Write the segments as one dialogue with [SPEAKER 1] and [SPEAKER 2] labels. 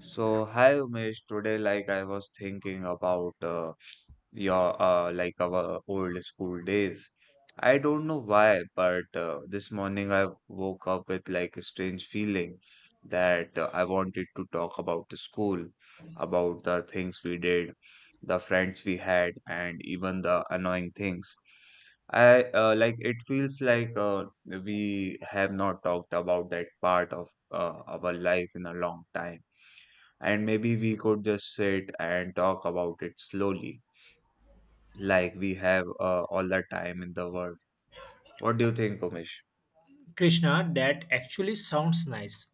[SPEAKER 1] So, hi Umesh, today like I was thinking about your like our old school days. I don't know why, but this morning I woke up with like a strange feeling that I wanted to talk about the school, about the things we did, the friends we had, and even the annoying things. I like it feels like we have not talked about that part of our life in a long time and maybe we could just sit and talk about it slowly, like we have all the time in the world. What do you think, Umesh?
[SPEAKER 2] Krishna, that actually sounds nice.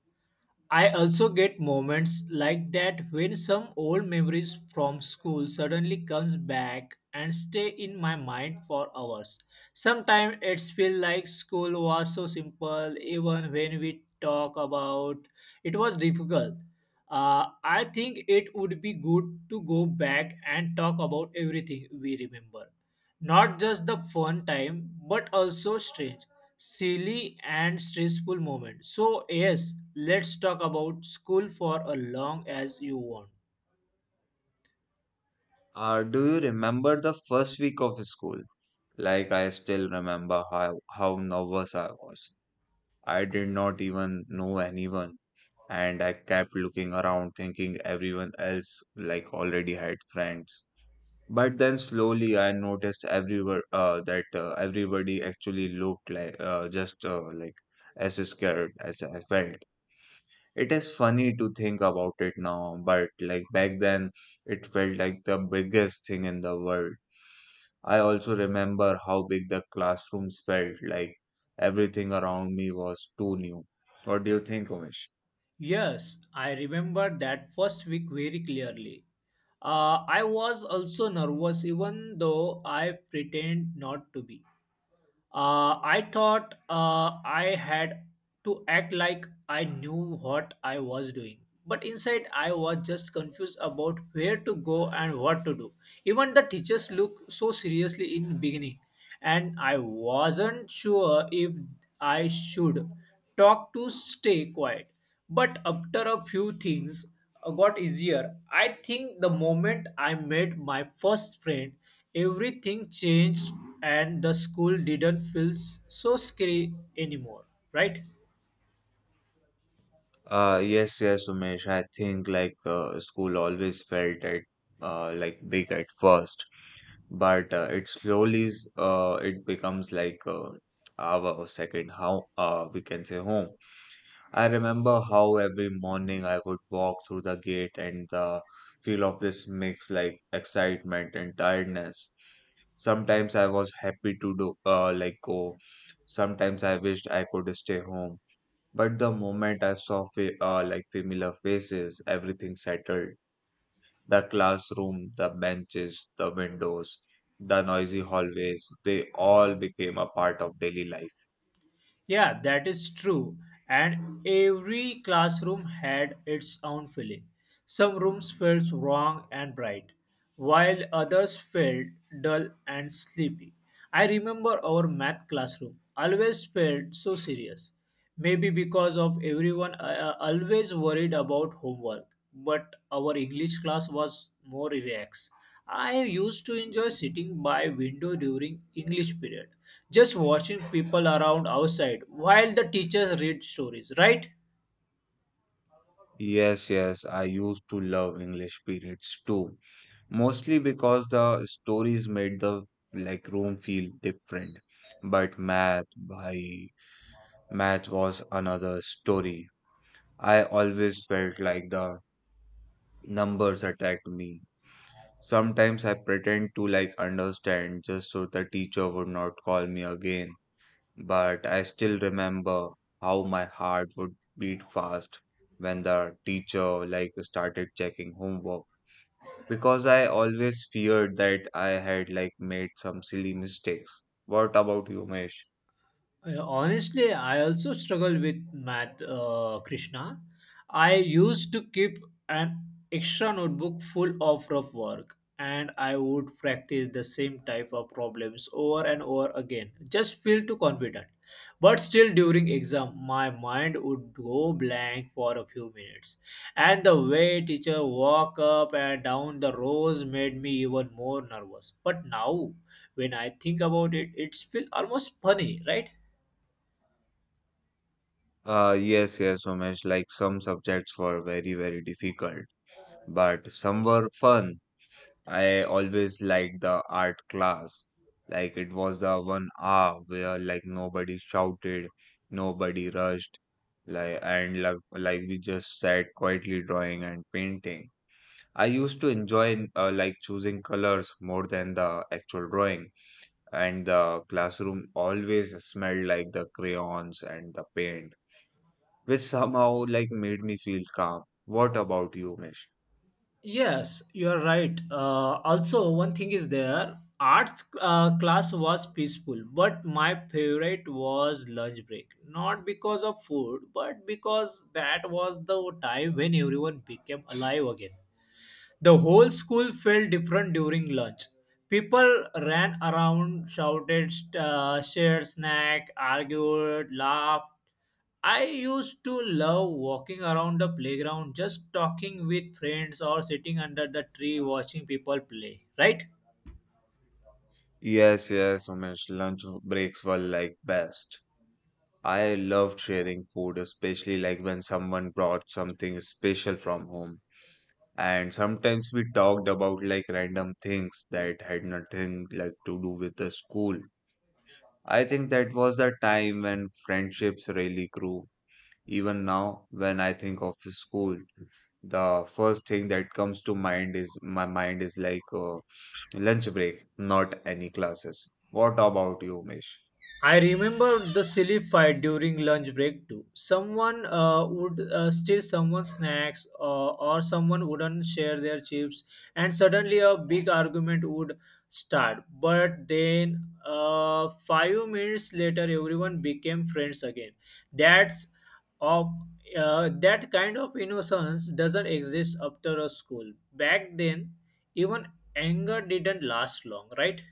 [SPEAKER 2] I also get moments like that when some old memories from school suddenly comes back and stay in my mind for hours. Sometimes it's feel like school was so simple even when we talk about it was difficult. I think it would be good to go back and talk about everything we remember. Not just the fun time, but also strange, silly, and stressful moments. So, yes, let's talk about school for as long as you want.
[SPEAKER 1] Do you remember the first week of school? Like I still remember how nervous I was. I did not even know anyone, and I kept looking around thinking everyone else like already had friends. But then slowly I noticed everywhere that everybody actually looked like just like as scared as I felt. It is funny to think about it now, but like back then, it felt like the biggest thing in the world. I also remember how big the classrooms felt, like everything around me was too new. What do you think, Umesh?
[SPEAKER 2] Yes, I remember that first week very clearly. I was also nervous, even though I pretend not to be. I thought I had to act like I knew what I was doing. But inside, I was just confused about where to go and what to do. Even the teachers looked so seriously in the beginning, and I wasn't sure if I should talk to stay quiet. But after a few things got easier, I think the moment I met my first friend, everything changed and the school didn't feel so scary anymore, right?
[SPEAKER 1] Yes, yes, Umesh. I think like school always felt at like big at first, but it slowly s- it becomes like our second how we can say home. I remember how every morning I would walk through the gate and the feel of this mix like excitement and tiredness. Sometimes I was happy to do like go. Sometimes I wished I could stay home. But the moment I saw like familiar faces, everything settled. The classroom, the benches, the windows, the noisy hallways, they all became a part of daily life.
[SPEAKER 2] Yeah, that is true, and every classroom had its own feeling. Some rooms felt warm and bright, while others felt dull and sleepy. I remember our math classroom always felt so serious, maybe because of everyone always worried about homework. But our English class was more relaxed. I used to enjoy sitting by window during English period, just watching people around outside while the teachers read stories, right?
[SPEAKER 1] Yes, yes, I used to love English periods too, mostly because the stories made the like room feel different. But math, bhai, math was another story. I always felt like the numbers attacked me. Sometimes I pretend to like understand just so the teacher would not call me again, but I still remember how my heart would beat fast when the teacher like started checking homework because I always feared that I had like made some silly mistakes. What about you, Umesh?
[SPEAKER 2] Honestly, I also struggle with math, Krishna. I used to keep an extra notebook full of rough work and I would practice the same type of problems over and over again. Just feel too confident. But still, during exam, my mind would go blank for a few minutes. And the way teacher walk up and down the rows made me even more nervous. But now, when I think about it, it's feel almost funny, right?
[SPEAKER 1] Yes, yes, Umesh, like some subjects were very, very difficult, but some were fun. I always liked the art class. Like it was the one hour where like nobody shouted, nobody rushed, like and like we just sat quietly drawing and painting. I used to enjoy like choosing colors more than the actual drawing, and the classroom always smelled like the crayons and the paint, which somehow like made me feel calm. What about you, Umesh?
[SPEAKER 2] Yes, you are right. Also, one thing is there. Arts class was peaceful, but my favorite was lunch break. Not because of food, but because that was the time when everyone became alive again. The whole school felt different during lunch. People ran around, shouted, shared snack, argued, laughed. I used to love walking around the playground, just talking with friends or sitting under the tree watching people play. Right?
[SPEAKER 1] Yes, yes, Umesh. Lunch breaks were like best. I loved sharing food, especially like when someone brought something special from home. And sometimes we talked about like random things that had nothing like to do with the school. I think that was the time when friendships really grew. Even now, when I think of school, the first thing that comes to mind is my mind is like lunch break, not any classes. What about you, Umesh?
[SPEAKER 2] I remember the silly fight during lunch break too. Someone would steal someone's snacks, or someone wouldn't share their chips, and suddenly a big argument would start. But then, 5 minutes later, everyone became friends again. That's of that kind of innocence doesn't exist after a school. Back then, even anger didn't last long, right?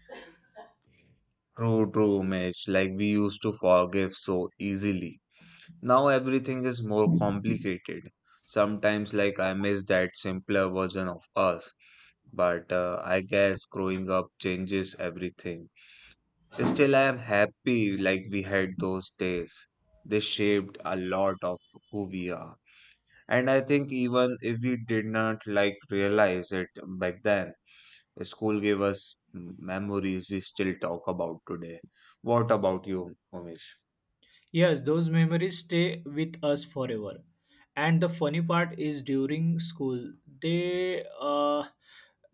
[SPEAKER 1] True, true, Umesh. Like we used to forgive so easily. Now everything is more complicated. Sometimes, like, I miss that simpler version of us. But I guess growing up changes everything. Still, I am happy like we had those days. They shaped a lot of who we are. And I think even if we did not like realize it back then, school gave us memories we still talk about today. What about you, Umesh?
[SPEAKER 2] Yes, those memories stay with us forever. And the funny part is during school, they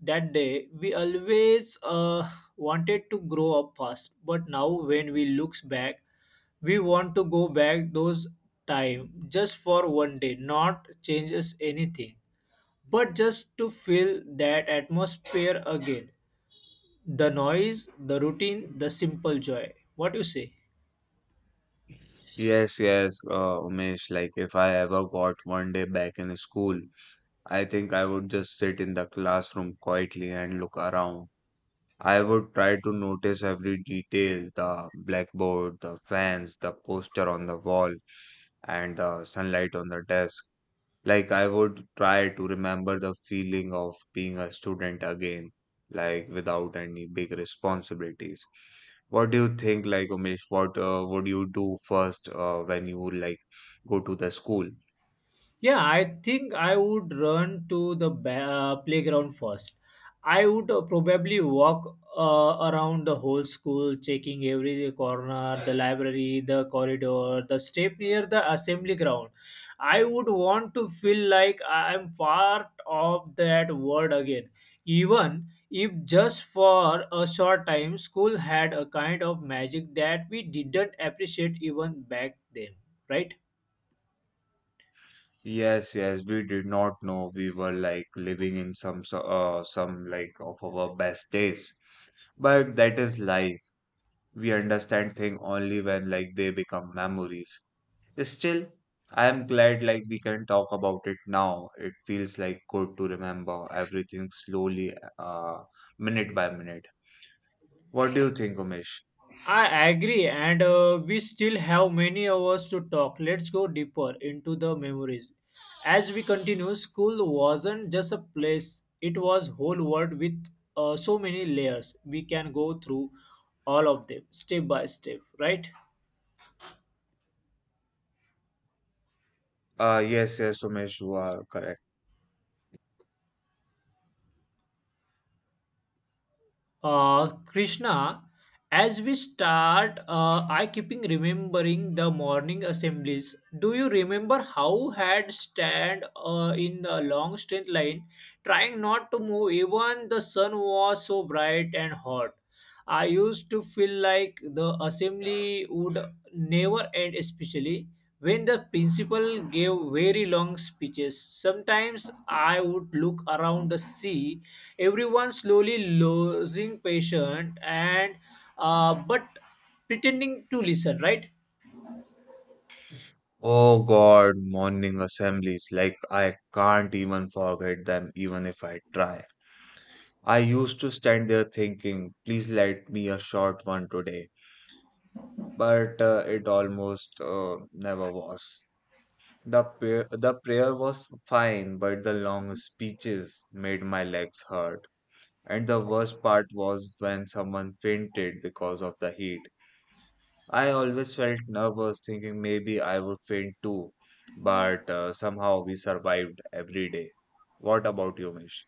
[SPEAKER 2] that day we always wanted to grow up fast, but now when we looks back, we want to go back those time just for one day, not changes anything, but just to feel that atmosphere again. The noise, the routine, the simple joy. What you say?
[SPEAKER 1] Yes, yes, Umesh. Like, if I ever got one day back in school, I think I would just sit in the classroom quietly and look around. I would try to notice every detail, the blackboard, the fans, the poster on the wall, and the sunlight on the desk. Like, I would try to remember the feeling of being a student again, like, without any big responsibilities. What do you think, like, Umesh, what would you do first when you, like, go to the school?
[SPEAKER 2] Yeah, I think I would run to the playground first. I would probably walk around the whole school, checking every corner, the library, the corridor, the step near the assembly ground. I would want to feel like I am part of that world again. Even if just for a short time, school had a kind of magic that we didn't appreciate even back then, right?
[SPEAKER 1] Yes, yes, we did not know we were like living in some some like of our best days. But that is life. We understand things only when like they become memories. Still, I am glad like we can talk about it now. It feels like good to remember everything slowly, minute by minute. What do you think, Umesh?
[SPEAKER 2] I agree, and we still have many hours to talk. Let's go deeper into the memories. As we continue, school wasn't just a place, it was whole world with so many layers. We can go through all of them step by step, right?
[SPEAKER 1] Yes, yes, Umesh, you are correct.
[SPEAKER 2] Krishna, as we start, I keeping remembering the morning assemblies. Do you remember how had stand in the long straight line, trying not to move? Even the sun was so bright and hot. I used to feel like the assembly would never end, especially when the principal gave very long speeches. Sometimes I would look around to see everyone slowly losing patience and but pretending to listen, right?
[SPEAKER 1] Oh God, morning assemblies. Like I can't even forget them, even if I try. I used to stand there thinking, please let me a short one today, but it almost never was. The prayer was fine, but the long speeches made my legs hurt. And the worst part was when someone fainted because of the heat. I always felt nervous, thinking maybe I would faint too. But somehow we survived every day. What about you, Mish?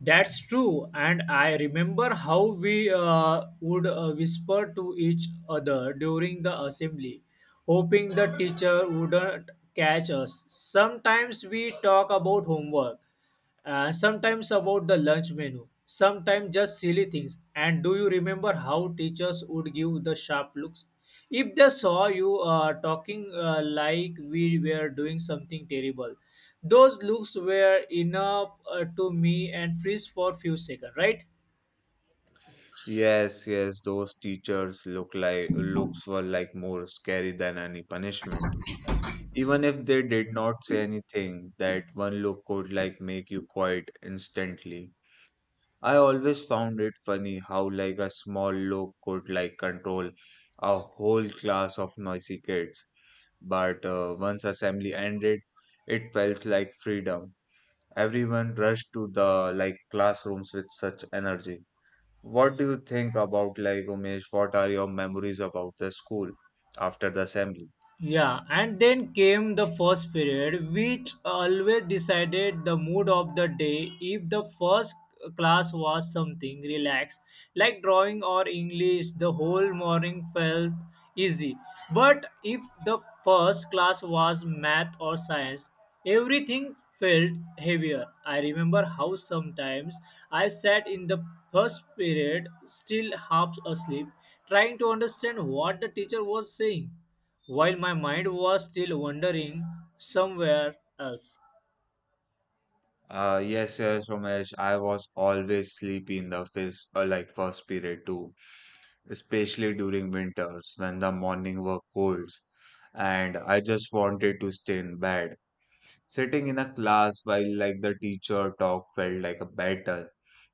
[SPEAKER 2] That's true, and I remember how we would whisper to each other during the assembly, hoping the teacher wouldn't catch us. Sometimes we talk about homework, sometimes about the lunch menu, sometimes just silly things. And do you remember how teachers would give the sharp looks? If they saw you talking like we were doing something terrible, those looks were enough to me and freeze for few seconds, right?
[SPEAKER 1] Yes, yes, those teachers look like looks were like more scary than any punishment. Even if they did not say anything, that one look could like make you quiet instantly. I always found it funny how like a small look could like control a whole class of noisy kids. But once assembly ended, it felt like freedom. Everyone rushed to the like classrooms with such energy. What do you think about like Umesh? What are your memories about the school after the assembly?
[SPEAKER 2] Yeah, and then came the first period, which always decided the mood of the day. If the first class was something relaxed, like drawing or English, the whole morning felt easy. But if the first class was math or science, everything felt heavier. I remember how sometimes I sat in the first period, still half asleep, trying to understand what the teacher was saying while my mind was still wandering somewhere else.
[SPEAKER 1] Yes, yes, Umesh. I was always sleepy in the first period too, especially during winters when the morning were cold, and I just wanted to stay in bed. Sitting in a class while like the teacher talk felt like a battle.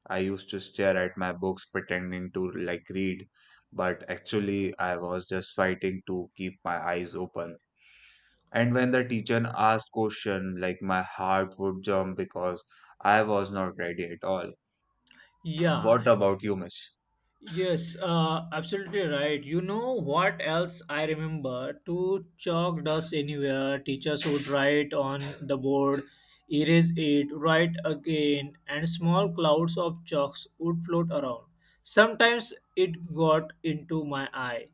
[SPEAKER 1] I used to stare at my books pretending to like read, but actually I was just fighting to keep my eyes open. And when the teacher asked question, like my heart would jump because I was not ready at all.
[SPEAKER 2] Yeah,
[SPEAKER 1] What about you, Miss?
[SPEAKER 2] yes, absolutely right. You know what else I remember? To chalk dust anywhere, teachers would write on the board, erase it, write again, and small clouds of chalks would float around. Sometimes it got into my eye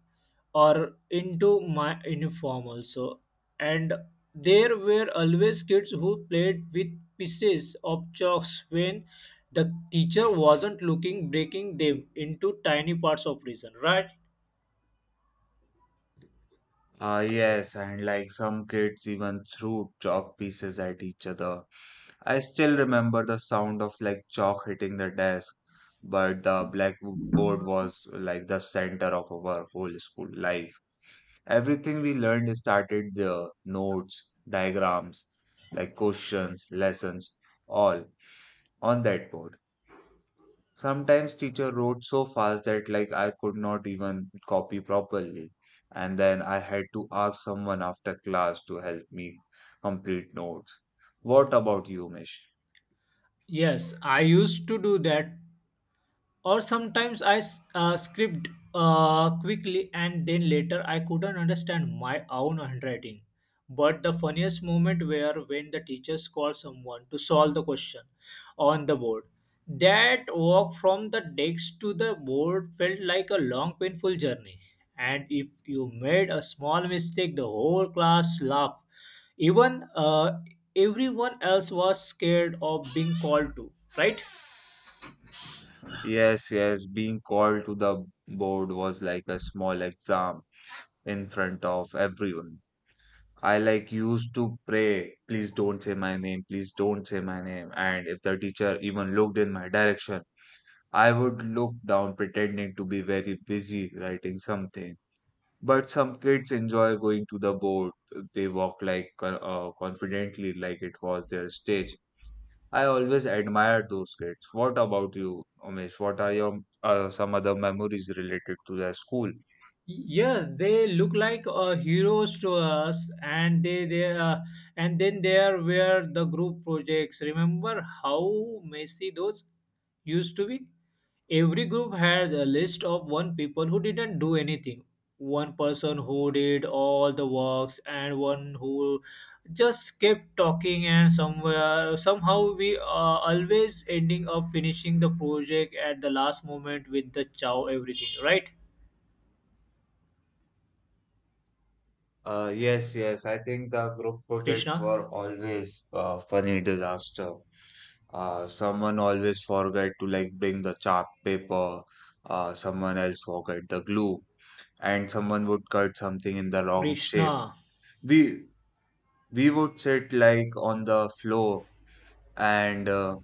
[SPEAKER 2] or into my uniform also. And there were always kids who played with pieces of chalks when the teacher wasn't looking, breaking them into tiny parts of reason, right?
[SPEAKER 1] Yes, and like some kids even threw chalk pieces at each other. I still remember the sound of like chalk hitting the desk, but the blackboard was like the center of our whole school life. Everything we learned started there, notes, diagrams, like questions, lessons, all on that board. Sometimes teacher wrote so fast that like I could not even copy properly. And then I had to ask someone after class to help me complete notes. What about you, Mish?
[SPEAKER 2] Yes, I used to do that, or sometimes I scribbled quickly and then later I couldn't understand my own handwriting. But the funniest moment were when the teachers called someone to solve the question on the board. That walk from the desk to the board felt like a long, painful journey. And if you made a small mistake, the whole class laughed. Even everyone else was scared of being called to, right?
[SPEAKER 1] Yes, yes, being called to the board was like a small exam in front of everyone. I like used to pray, please don't say my name, please don't say my name. And if the teacher even looked in my direction, I would look down pretending to be very busy writing something. But some kids enjoy going to the boat. They walk like confidently, like it was their stage. I always admired those kids. What about you, Umesh? What are your some other memories related to the school?
[SPEAKER 2] Yes, they look like heroes to us, and they and then there were the group projects. Remember how messy those used to be? Every group had a list of one people who didn't do anything, one person who did all the works, and one who just kept talking. And somewhere somehow we always ending up finishing the project at the last moment with the chow everything, right,
[SPEAKER 1] Yes, yes. I think the group projects
[SPEAKER 2] Krishna?
[SPEAKER 1] were always funny disaster. Someone always forget to like bring the chart paper. Someone else forget the glue, and someone would cut something in the wrong shape.
[SPEAKER 2] Krishna
[SPEAKER 1] We we would sit like on the floor and